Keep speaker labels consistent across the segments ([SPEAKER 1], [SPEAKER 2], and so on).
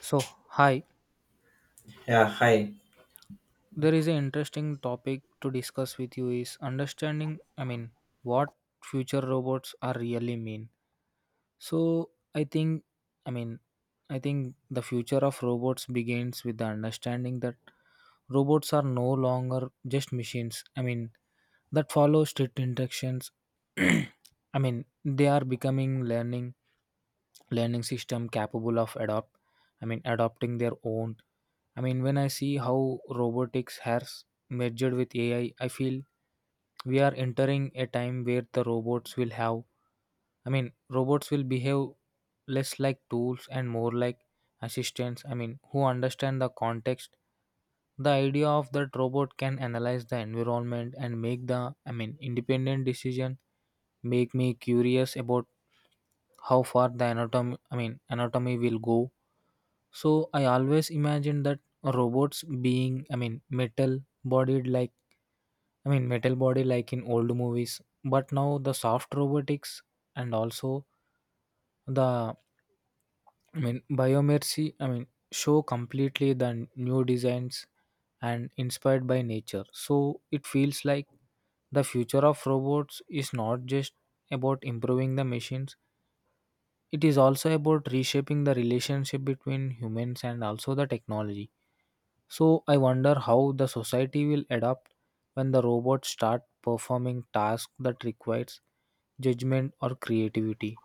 [SPEAKER 1] So, hi,
[SPEAKER 2] Yeah, hi.
[SPEAKER 1] there is an interesting topic to discuss with you is understanding, what future robots are really mean. So, I think, I mean, I think the future of robots begins with the understanding that robots are no longer just machines. That follow strict instructions. They are becoming learning system capable of adopting their own. When I see how robotics has merged with ai I feel we are entering a time where the robots will have I mean robots will behave less like tools and more like assistants, who understand the context. The idea of that robot can analyze the environment and make the independent decision make me curious about how far the anatomy I mean anatomy will go. So I always imagine that robots being I mean metal bodied like I mean metal body like in old movies, but now the soft robotics and also the I mean biomercy. Show completely the new designs and inspired by nature. So it feels like the future of robots is not just about improving the machines. It is also about reshaping the relationship between humans and also the technology. So I wonder how the society will adapt when the robots start performing tasks that requires judgment or creativity.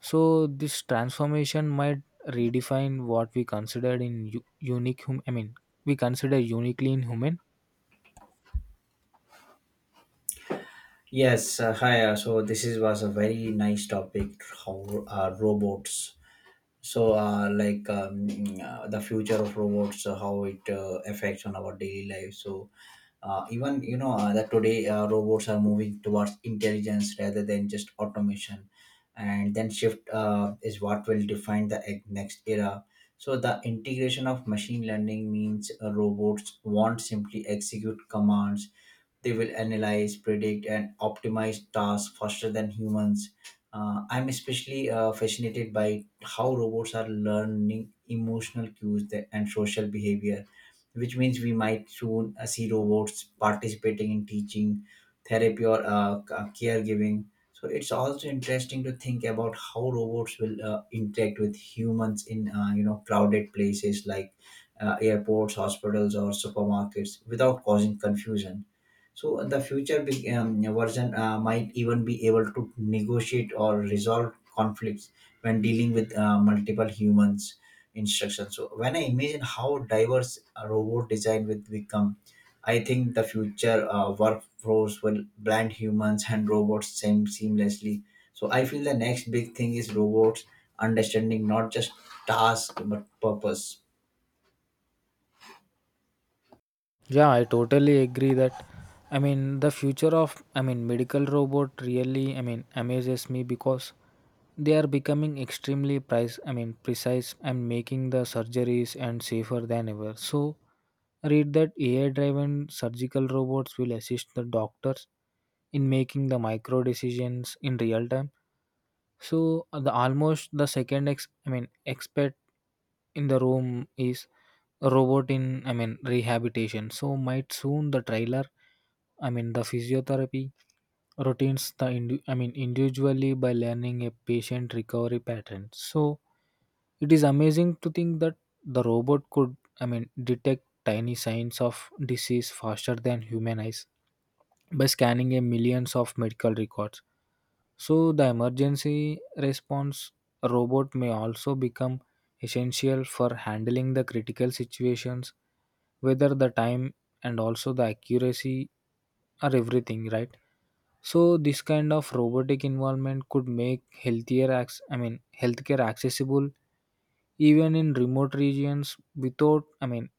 [SPEAKER 1] So this transformation might redefine what we considered in u- unique hum- I mean we consider uniquely in human.
[SPEAKER 2] Yes, hi. So this is was a very nice topic. How robots? So the future of robots, how it affects on our daily life. So even that today robots are moving towards intelligence rather than just automation, and then shift is what will define the next era. So the integration of machine learning means robots won't simply execute commands. They will analyze, predict, and optimize tasks faster than humans. I'm especially fascinated by how robots are learning emotional cues and social behavior, which means we might soon see robots participating in teaching, therapy, or caregiving. So it's also interesting to think about how robots will interact with humans in crowded places like airports, hospitals, or supermarkets without causing confusion. So the future version might even be able to negotiate or resolve conflicts when dealing with multiple humans instructions. So when I imagine how diverse a robot design will become, I think the future workforce will blend humans and robots same seamlessly. So I feel the next big thing is robots understanding not just task but purpose.
[SPEAKER 1] Yeah, I totally agree that. I mean, the future of I mean medical robot really amazes me because they are becoming extremely price I mean precise and making the surgeries and safer than ever. So, read that AI driven surgical robots will assist the doctors in making the micro decisions in real time. So the almost the second ex I mean expert in the room is a robot in rehabilitation. So might soon the physiotherapy routines, the indi- I mean individually, by learning a patient recovery pattern. So it is amazing to think that the robot could detect tiny signs of disease faster than human eyes by scanning a millions of medical records. So, the emergency response robot may also become essential for handling the critical situations, whether the time and also the accuracy are everything, right? So, this kind of robotic involvement could make healthier, acc- I mean, healthcare accessible even in remote regions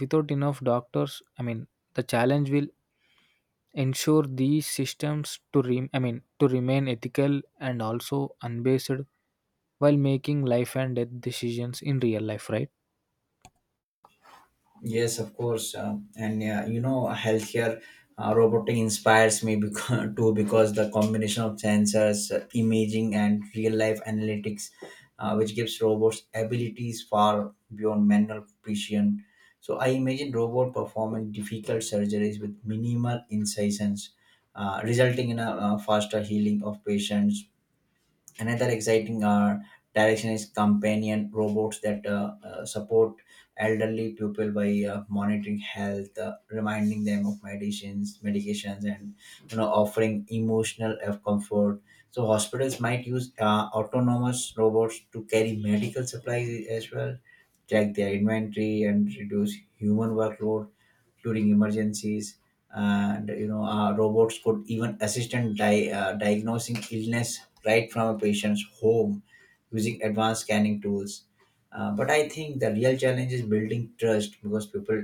[SPEAKER 1] without enough doctors. The challenge will ensure these systems to, re- I mean, to remain ethical and also unbased while making life and death decisions in real life, right?
[SPEAKER 2] Yes, of course, and yeah, healthcare, healthier robotic inspires me, because too, because the combination of sensors, imaging, and real-life analytics, which gives robots abilities far beyond manual precision. So I imagine robot performing difficult surgeries with minimal incisions, resulting in a faster healing of patients. Another exciting direction is companion robots that support elderly people by monitoring health, reminding them of medicines, medications, and offering emotional comfort. So hospitals might use autonomous robots to carry medical supplies as well, check their inventory, and reduce human workload during emergencies. And robots could even assist in diagnosing illness right from a patient's home using advanced scanning tools. But I think the real challenge is building trust, because people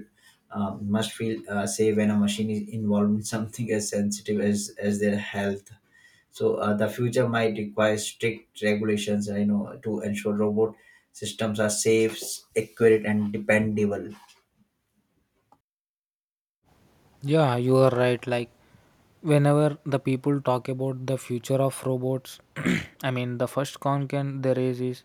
[SPEAKER 2] must feel safe when a machine is involved in something as sensitive as their health. So the future might require strict regulations to ensure robot systems are safe, accurate, and dependable.
[SPEAKER 1] Yeah, you are right. Like, whenever the people talk about the future of robots, the first concern there is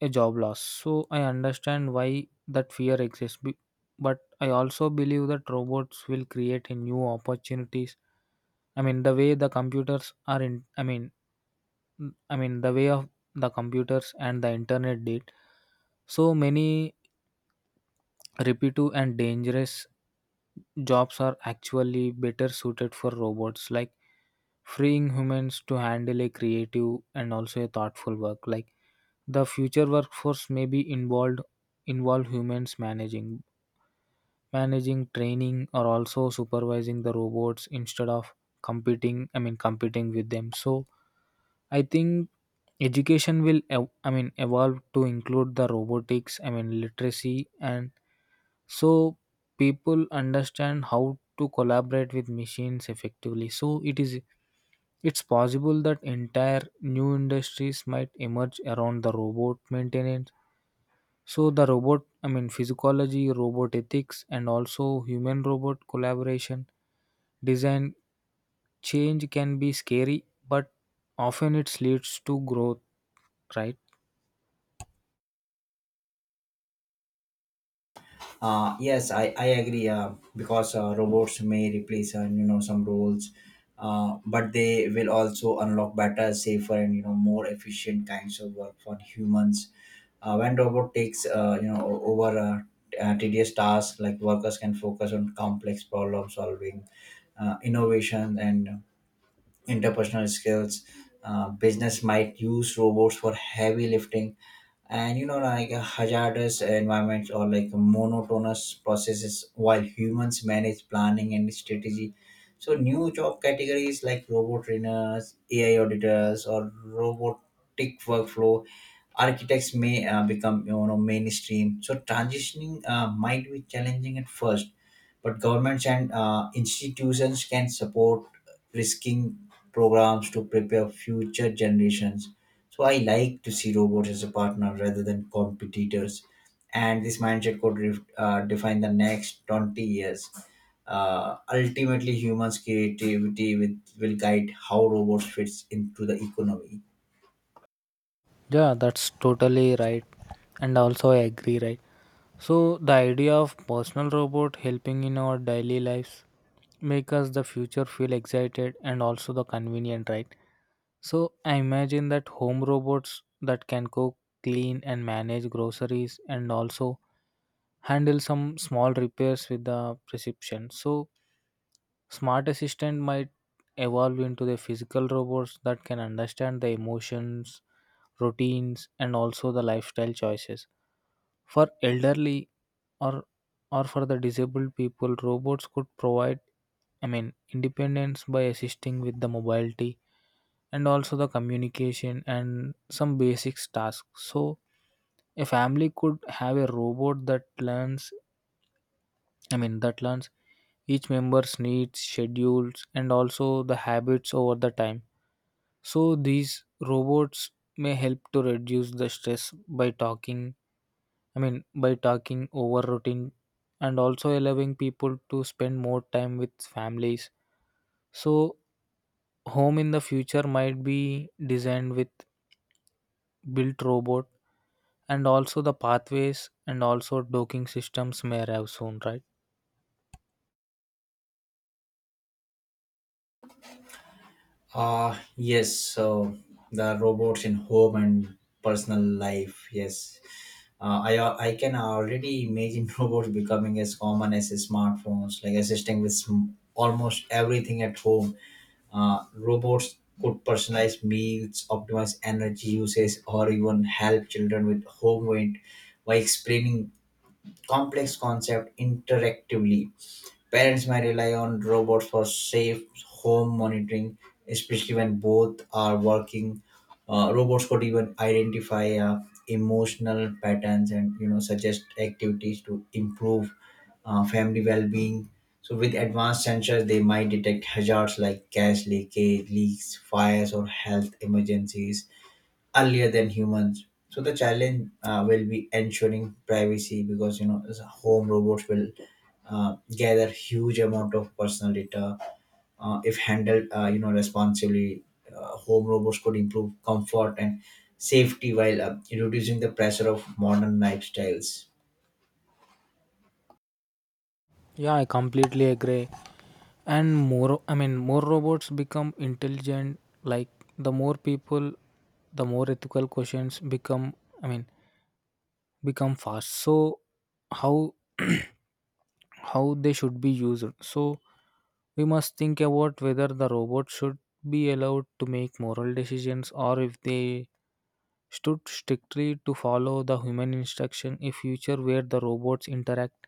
[SPEAKER 1] a job loss. So, I understand why that fear exists. But I also believe that robots will create a new opportunities. I mean, the way the computers are in, I mean, the way of the computers and the internet did. So many repetitive and dangerous jobs are actually better suited for robots, like freeing humans to handle a creative and also a thoughtful work. Like the future workforce may be involved involve humans managing, training, or also supervising the robots instead of competing with them. So I think education will evolve to include the robotics, literacy, and so people understand how to collaborate with machines effectively. So it's possible that entire new industries might emerge around the robot maintenance. So the robot, physiology, robot ethics, and also human robot collaboration design. Change can be scary, but often it leads to growth, right?
[SPEAKER 2] Yes, I agree. Because robots may replace some roles, but they will also unlock better, safer, and more efficient kinds of work for humans. When robot takes over tedious tasks, like workers can focus on complex problem solving, innovation, and interpersonal skills. Business might use robots for heavy lifting and like hazardous environments or like monotonous processes, while humans manage planning and strategy. So new job categories like robot trainers, AI auditors, or robotic workflow architects may become mainstream. So transitioning might be challenging at first, but governments and institutions can support risking programs to prepare future generations. So I like to see robots as a partner rather than competitors. And this mindset could define the next 20 years. Ultimately, humans' creativity with, will guide how robots fits into the economy.
[SPEAKER 1] Yeah, that's totally right, and also I agree, right. So the idea of personal robot helping in our daily lives make us the future feel excited and also the convenient, right? So I imagine that home robots that can cook, clean, and manage groceries, and also handle some small repairs with the prescription. So smart assistant might evolve into the physical robots that can understand the emotions, routines, and also the lifestyle choices. For elderly, or or for the disabled people, robots could provide independence by assisting with the mobility and also the communication and some basics tasks. So a family could have a robot that learns each member's needs, schedules, and also the habits over the time. So these robots may help to reduce the stress by talking. By talking over routine and also allowing people to spend more time with families. So, home in the future might be designed with built robot and also the pathways, and also docking systems may arrive soon, right?
[SPEAKER 2] Yes, so the robots in home and personal life, yes. I can already imagine robots becoming as common as smartphones, like assisting with almost everything at home. Robots could personalize meals, optimize energy usage, or even help children with homework by explaining complex concepts interactively. Parents might rely on robots for safe home monitoring, especially when both are working. Robots could even identify emotional patterns and suggest activities to improve family well-being. So with advanced sensors, they might detect hazards like gas leakage, leaks, fires, or health emergencies earlier than humans. So the challenge will be ensuring privacy, because as home robots will gather huge amount of personal data. If handled responsibly, home robots could improve comfort and safety while reducing the pressure of modern lifestyles.
[SPEAKER 1] Yeah, I completely agree. And more, more robots become intelligent. Like the more people, the more ethical questions become. I mean, become fast. So how how they should be used. So we must think about whether the robot should be allowed to make moral decisions, or if they should strictly to follow the human instruction. A future where the robots interact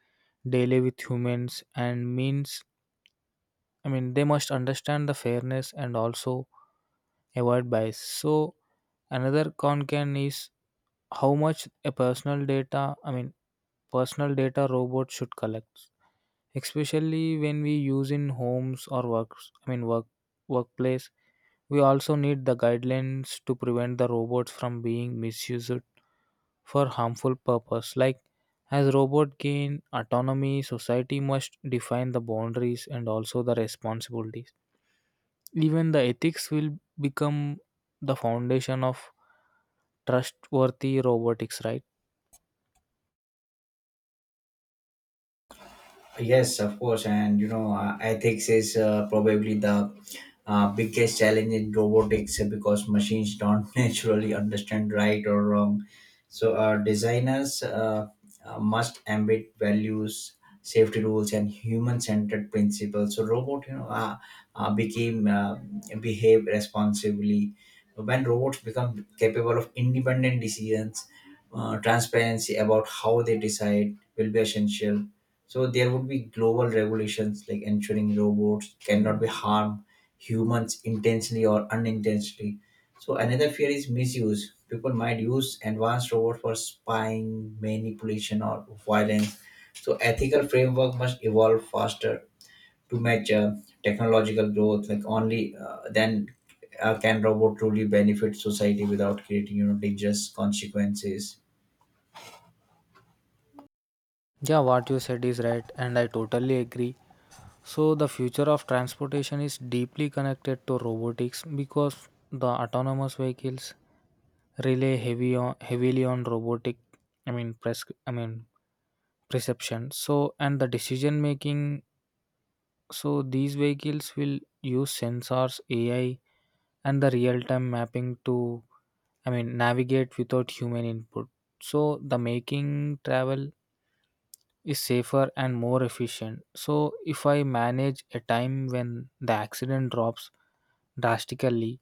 [SPEAKER 1] daily with humans and means, they must understand the fairness and also avoid bias. So another concern is how much a personal data I mean personal data robots should collect, especially when we use in homes or works I mean work workplace. We also need the guidelines to prevent the robots from being misused for harmful purpose. Like as robot gain autonomy, society must define the boundaries and also the responsibilities. Even the ethics will become the foundation of trustworthy robotics, right?
[SPEAKER 2] Yes, of course, and ethics is probably the biggest challenge in robotics, because machines don't naturally understand right or wrong. So, our designers must embed values, safety rules, and human-centered principles. So, robot, became behave responsibly. When robots become capable of independent decisions, transparency about how they decide will be essential. So there would be global regulations like ensuring robots cannot be harm humans intentionally or unintentionally. So another fear is misuse. People might use advanced robots for spying, manipulation, or violence. So ethical framework must evolve faster to match technological growth. Like only then can robot truly benefit society without creating dangerous consequences.
[SPEAKER 1] Yeah, what you said is right and I totally agree. So, the future of transportation is deeply connected to robotics because the autonomous vehicles heavily on robotic, I mean, pres- I mean, perception. So, and the decision making. So, these vehicles will use sensors, AI, and the real time mapping to, navigate without human input. So, the making travel is safer and more efficient. So, if I manage a time when the accident drops drastically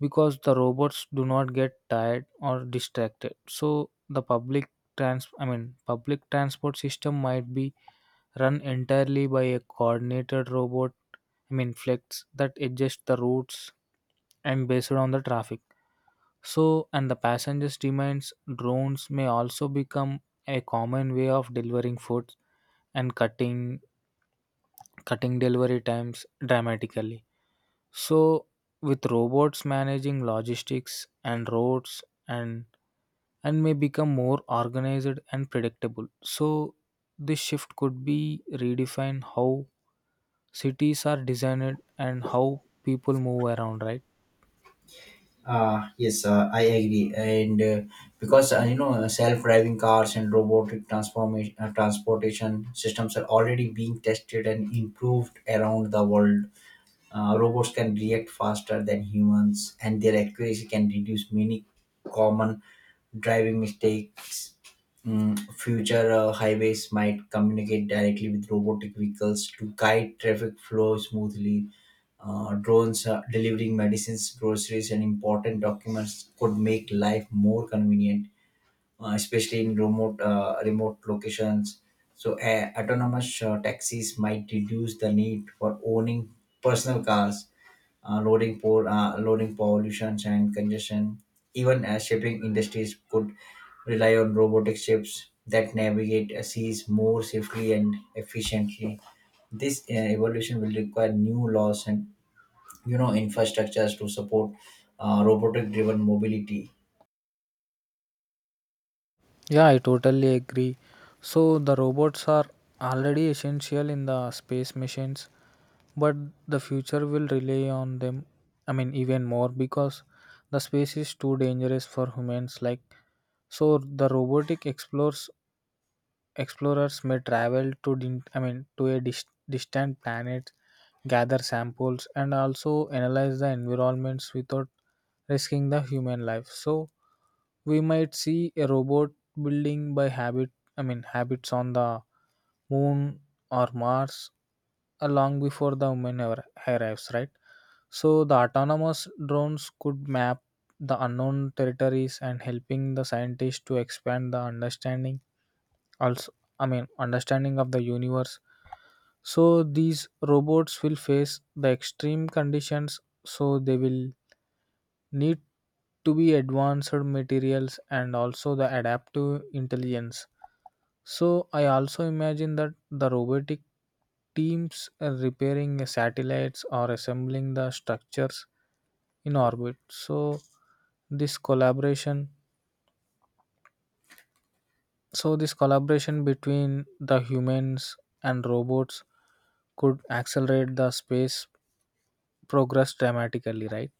[SPEAKER 1] because the robots do not get tired or distracted. So the public transport system might be run entirely by a coordinated robot, flex that adjust the routes and based on the traffic. So, and the passengers demands. Drones may also become a common way of delivering food and cutting delivery times dramatically. So, with robots managing logistics and roads, and may become more organized and predictable. So, this shift could be redefine how cities are designed and how people move around, right?
[SPEAKER 2] Yes, I agree. And because self-driving cars and robotic transformation transportation systems are already being tested and improved around the world. Robots can react faster than humans, and their accuracy can reduce many common driving mistakes. Future highways might communicate directly with robotic vehicles to guide traffic flow smoothly. Drones delivering medicines, groceries, and important documents could make life more convenient, especially in remote locations. So, autonomous taxis might reduce the need for owning personal cars, loading pollution and congestion. Even shipping industries could rely on robotic ships that navigate seas more safely and efficiently. This evolution will require new laws and infrastructures to support robotic driven mobility.
[SPEAKER 1] Yeah, I totally agree. So the robots are already essential in the space missions, but the future will rely on them, even more, because the space is too dangerous for humans. Like, so the robotic explores Explorers may travel to distant planet, gather samples, and also analyze the environments without risking the human life. So we might see a robot building by habit. Habits on the moon or Mars, long before the human ever arrives, right? So the autonomous drones could map the unknown territories and helping the scientists to expand the understanding, also understanding of the universe. So these robots will face the extreme conditions, so they will need to be advanced materials and also the adaptive intelligence. So I also imagine that the robotic teams are repairing satellites or assembling the structures in orbit. This collaboration So this collaboration between the humans and robots could accelerate the space progress dramatically, right?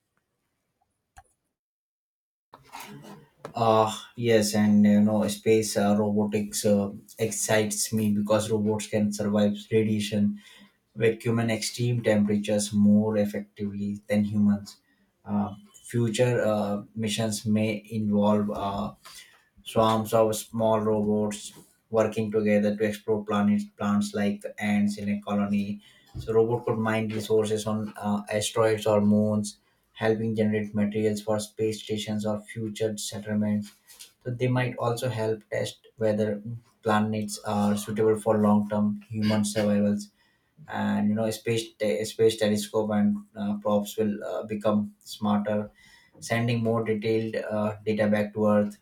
[SPEAKER 2] Uh yes, and space robotics excites me, because robots can survive radiation, vacuum, and extreme temperatures more effectively than humans. Uh, future missions may involve swarms of small robots working together to explore planets, plants, like ants in a colony. So, robot could mine resources on asteroids or moons, helping generate materials for space stations or future settlements. So, they might also help test whether planets are suitable for long-term human survivals. And space telescope and probes will become smarter, sending more detailed data back to Earth.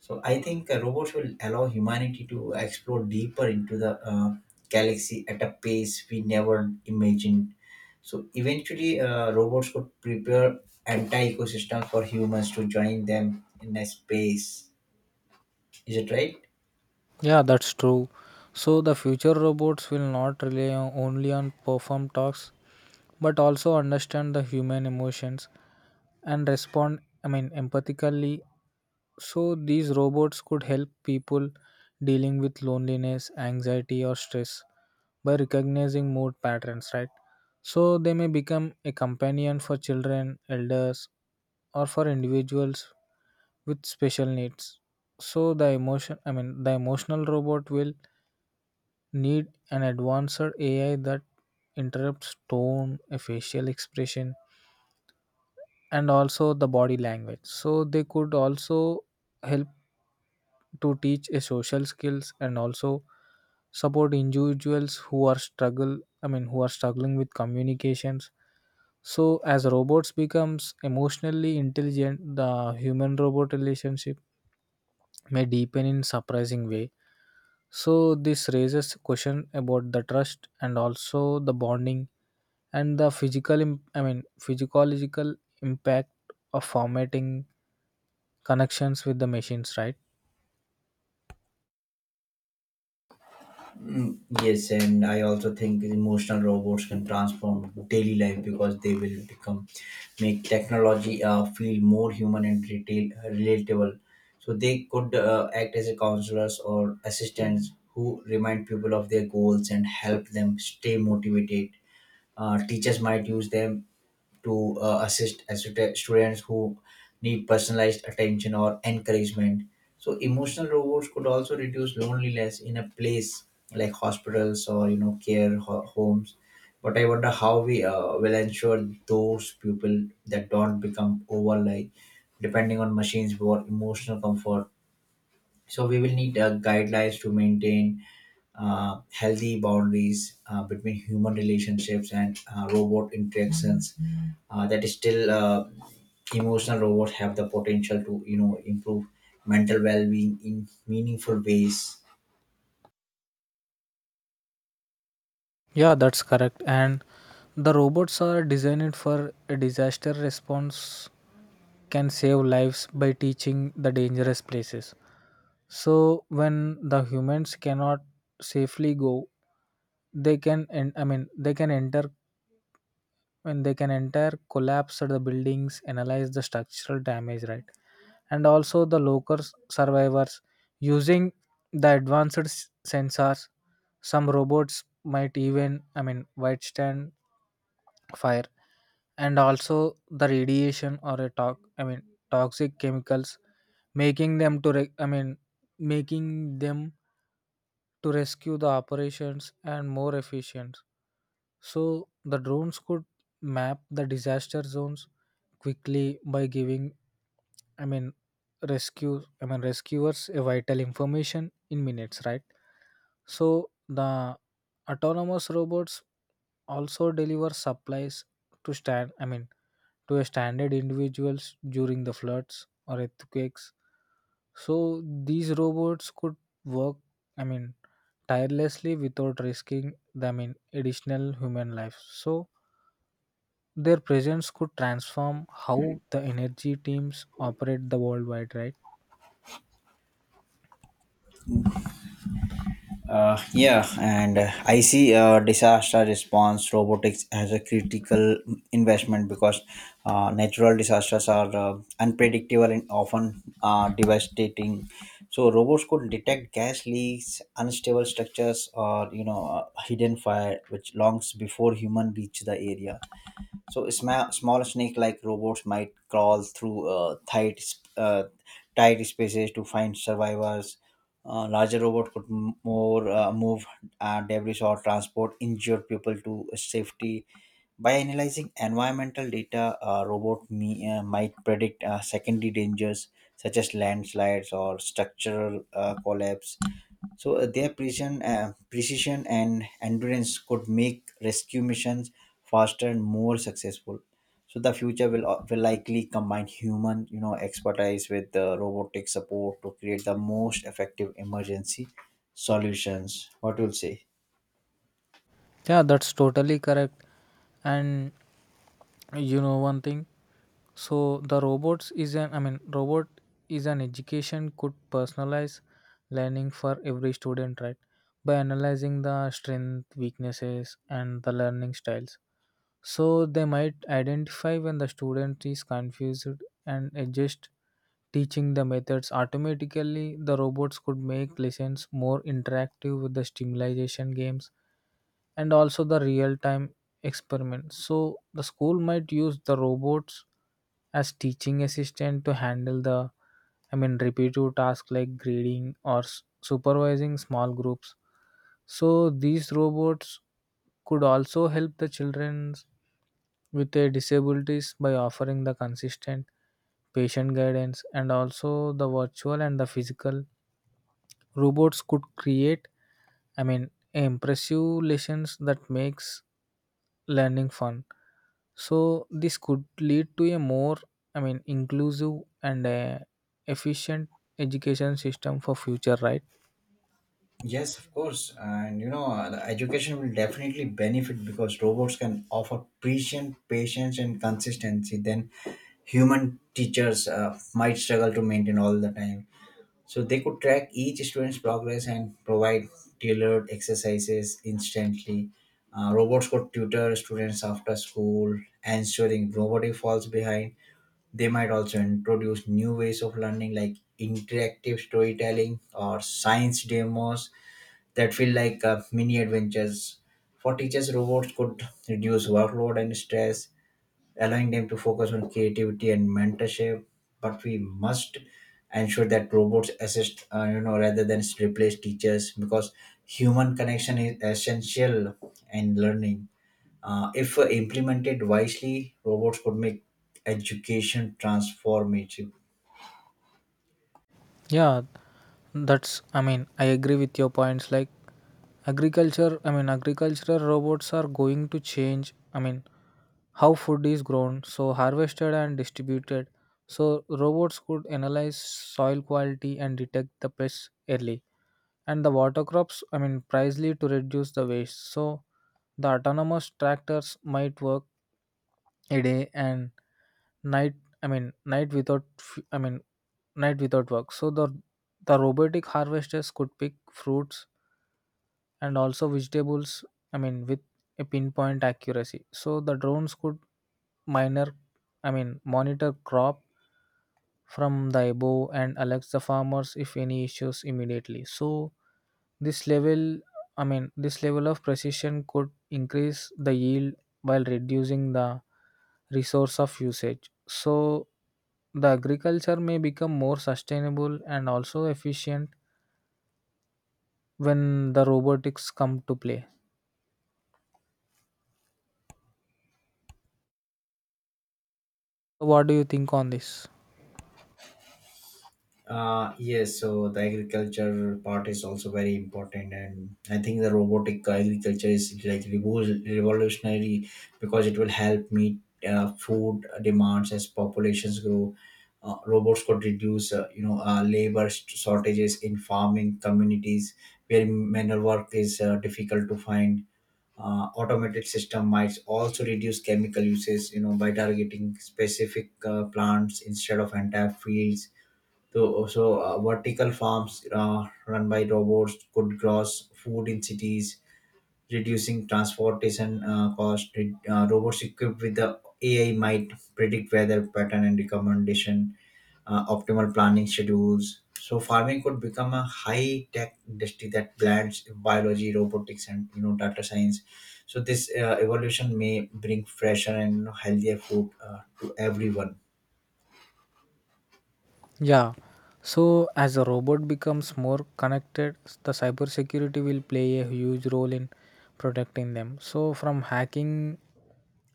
[SPEAKER 2] So I think robots will allow humanity to explore deeper into the galaxy at a pace we never imagined. So eventually, robots could prepare entire ecosystems for humans to join them in a space. Is it right?
[SPEAKER 1] Yeah, that's true. So the future robots will not only on perform tasks, but also understand the human emotions and respond, empathically. So these robots could help people dealing with loneliness, anxiety, or stress by recognizing mood patterns, right? So they may become a companion for children, elders, or for individuals with special needs. So the emotional robot will need an advanced AI that interrupts tone, a facial expression, and also the body language. So they could also help to teach a social skills and also support individuals who are struggle I mean who are struggling with communications. So as robots becomes emotionally intelligent, the human robot relationship may deepen in surprising way. So this raises question about the trust and also the bonding, and the physical im- I mean physiological impact of formatting connections with the machines, right?
[SPEAKER 2] Yes, and I also think emotional robots can transform daily life, because they will become make technology feel more human and retail, relatable. So they could act as a counselors or assistants who remind people of their goals and help them stay motivated. Teachers might use them to assist as students who need personalized attention or encouragement. So emotional robots could also reduce loneliness in a place like hospitals or care homes. But I wonder how we will ensure those people that don't become over, like, depending on machines for emotional comfort. So we will need guidelines to maintain healthy boundaries between human relationships and robot interactions. That is still emotional robots have the potential to improve mental well-being in meaningful ways.
[SPEAKER 1] Yeah, that's correct. And the robots are designed for a disaster response can save lives by teaching the dangerous places. So when the humans cannot safely go, they can en- I mean they can enter when they can enter collapse at the buildings, analyze the structural damage, right? And also the survivors using the advanced sensors. Some robots might even withstand fire and also the radiation or a talk I mean toxic chemicals making them to re- i mean making them to rescue the operations and more efficient. So the drones could map the disaster zones quickly by giving i mean rescuers a vital information in minutes, right? So the autonomous robots also deliver supplies to stand i mean to a standard individuals during the floods or earthquakes. So these robots could work i mean tirelessly without risking the, additional human life, so their presence could transform how the energy teams operate the worldwide, right?
[SPEAKER 2] Yeah, and I see disaster response robotics as a critical investment, because natural disasters are unpredictable and often devastating. So robots could detect gas leaks, unstable structures, or hidden fire, which longs before human reach the area. So small snake-like robots might crawl through tight spaces to find survivors. Larger robot could m- more move debris or transport injured people to safety. By analyzing environmental data, a robot might predict secondary dangers such as landslides or structural collapse. So their precision and endurance could make rescue missions faster and more successful. So the future will likely combine human, expertise with robotic support to create the most effective emergency solutions. What will say?
[SPEAKER 1] Yeah, that's totally correct. And you know one thing, so the robots is an I mean robot is an education could personalize learning for every student, right? By analyzing the strength, weaknesses, and the learning styles. So they might identify when the student is confused and adjust teaching the methods automatically. The robots could make lessons more interactive with the stimulation games and also the real time experiments. So the school might use the robots as teaching assistant to handle the repetitive tasks like grading or supervising small groups. So these robots could also help the children with their disabilities by offering the consistent patient guidance, and also the virtual and the physical robots could create impressive lessons that makes learning fun. So this could lead to a more inclusive and efficient education system for future, right?
[SPEAKER 2] Yes, of course, and the education will definitely benefit, because robots can offer precision, patience, and consistency. Then human teachers might struggle to maintain all the time. So they could track each student's progress and provide tailored exercises instantly. Robots could tutor students after school, ensuring nobody falls behind. They might also introduce new ways of learning like interactive storytelling or science demos that feel like mini adventures. For teachers, robots could reduce workload and stress, allowing them to focus on creativity and mentorship. But we must ensure that robots assist, rather than replace teachers, because human connection is essential in learning. If implemented wisely, robots could make education transformative.
[SPEAKER 1] Yeah, I agree with your points. Like, agricultural robots are going to change, how food is grown, so harvested and distributed. So, robots could analyze soil quality and detect the pests early and the water crops pricely to reduce the waste. So the autonomous tractors might work a day and night I mean night without f- I mean night without work. So the robotic harvesters could pick fruits and also vegetables with a pinpoint accuracy. So the drones could minor I mean monitor crop from thy bow and alerts the farmers if any issues immediately. So this level, this level of precision could increase the yield while reducing the resource of usage. So the agriculture may become more sustainable and also efficient when the robotics come to play. So, what do you think on this?
[SPEAKER 2] Yes, so the agriculture part is also very important, and I think the robotic agriculture is like revolutionary, because it will help meet food demands as populations grow. Robots could reduce, labor shortages in farming communities where manual work is difficult to find. Automated system might also reduce chemical uses, by targeting specific plants instead of entire fields. So vertical farms run by robots could grow food in cities, reducing transportation cost. Robots equipped with the AI might predict weather pattern and recommendation, optimal planning schedules. So farming could become a high-tech industry that blends biology, robotics, and data science. So this evolution may bring fresher and healthier food to everyone.
[SPEAKER 1] Yeah. So as a robot becomes more connected, the cybersecurity will play a huge role in protecting them. So from hacking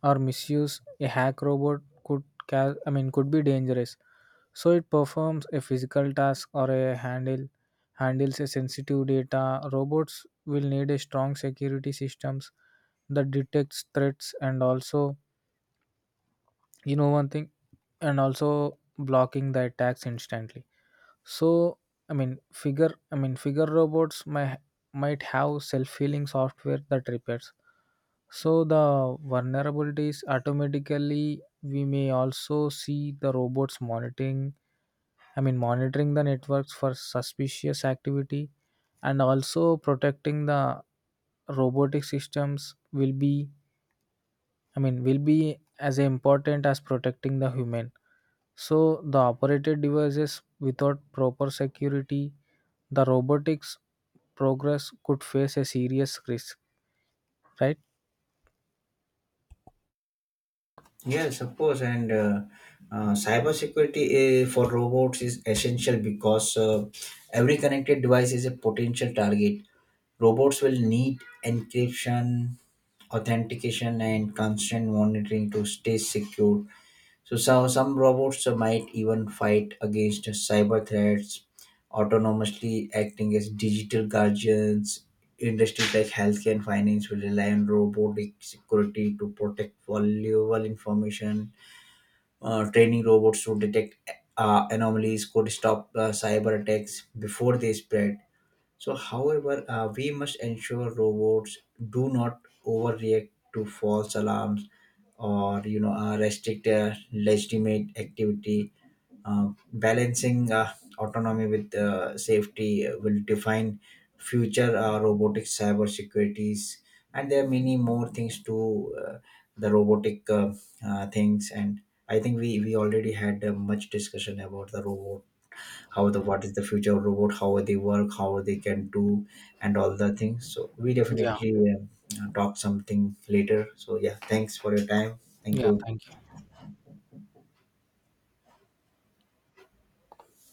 [SPEAKER 1] or misuse, a hack robot could ca- I mean could be dangerous. So it performs a physical task or a handle handles a sensitive data. Robots will need a strong security systems that detects threats, and also you know one thing, and also blocking the attacks instantly. So, figure robots might have self-healing software that repairs. So the vulnerabilities automatically. We may also see the robots monitoring the networks for suspicious activity, and also protecting the robotic systems will be. I mean, will be as important as protecting the human. So the operated devices without proper security, the robotics progress could face a serious risk, right?
[SPEAKER 2] Yes, of course, and cybersecurity for robots is essential, because every connected device is a potential target. Robots will need encryption, authentication, and constant monitoring to stay secure. So some robots might even fight against cyber threats, autonomously acting as digital guardians. Industries like healthcare and finance will rely on robotic security to protect valuable information. Training robots to detect anomalies could stop cyber attacks before they spread. So, however, we must ensure robots do not overreact to false alarms or restrict their legitimate activity. Balancing autonomy with safety will define future robotic cyber securities, and there are many more things to the robotic things. And I think we already had much discussion about the robot, how the what is the future of robot, how they work, how they can do, and all the things, so we
[SPEAKER 1] Yeah,
[SPEAKER 2] definitely talk something later. So yeah, thanks for your time. Thank
[SPEAKER 1] yeah.
[SPEAKER 2] you.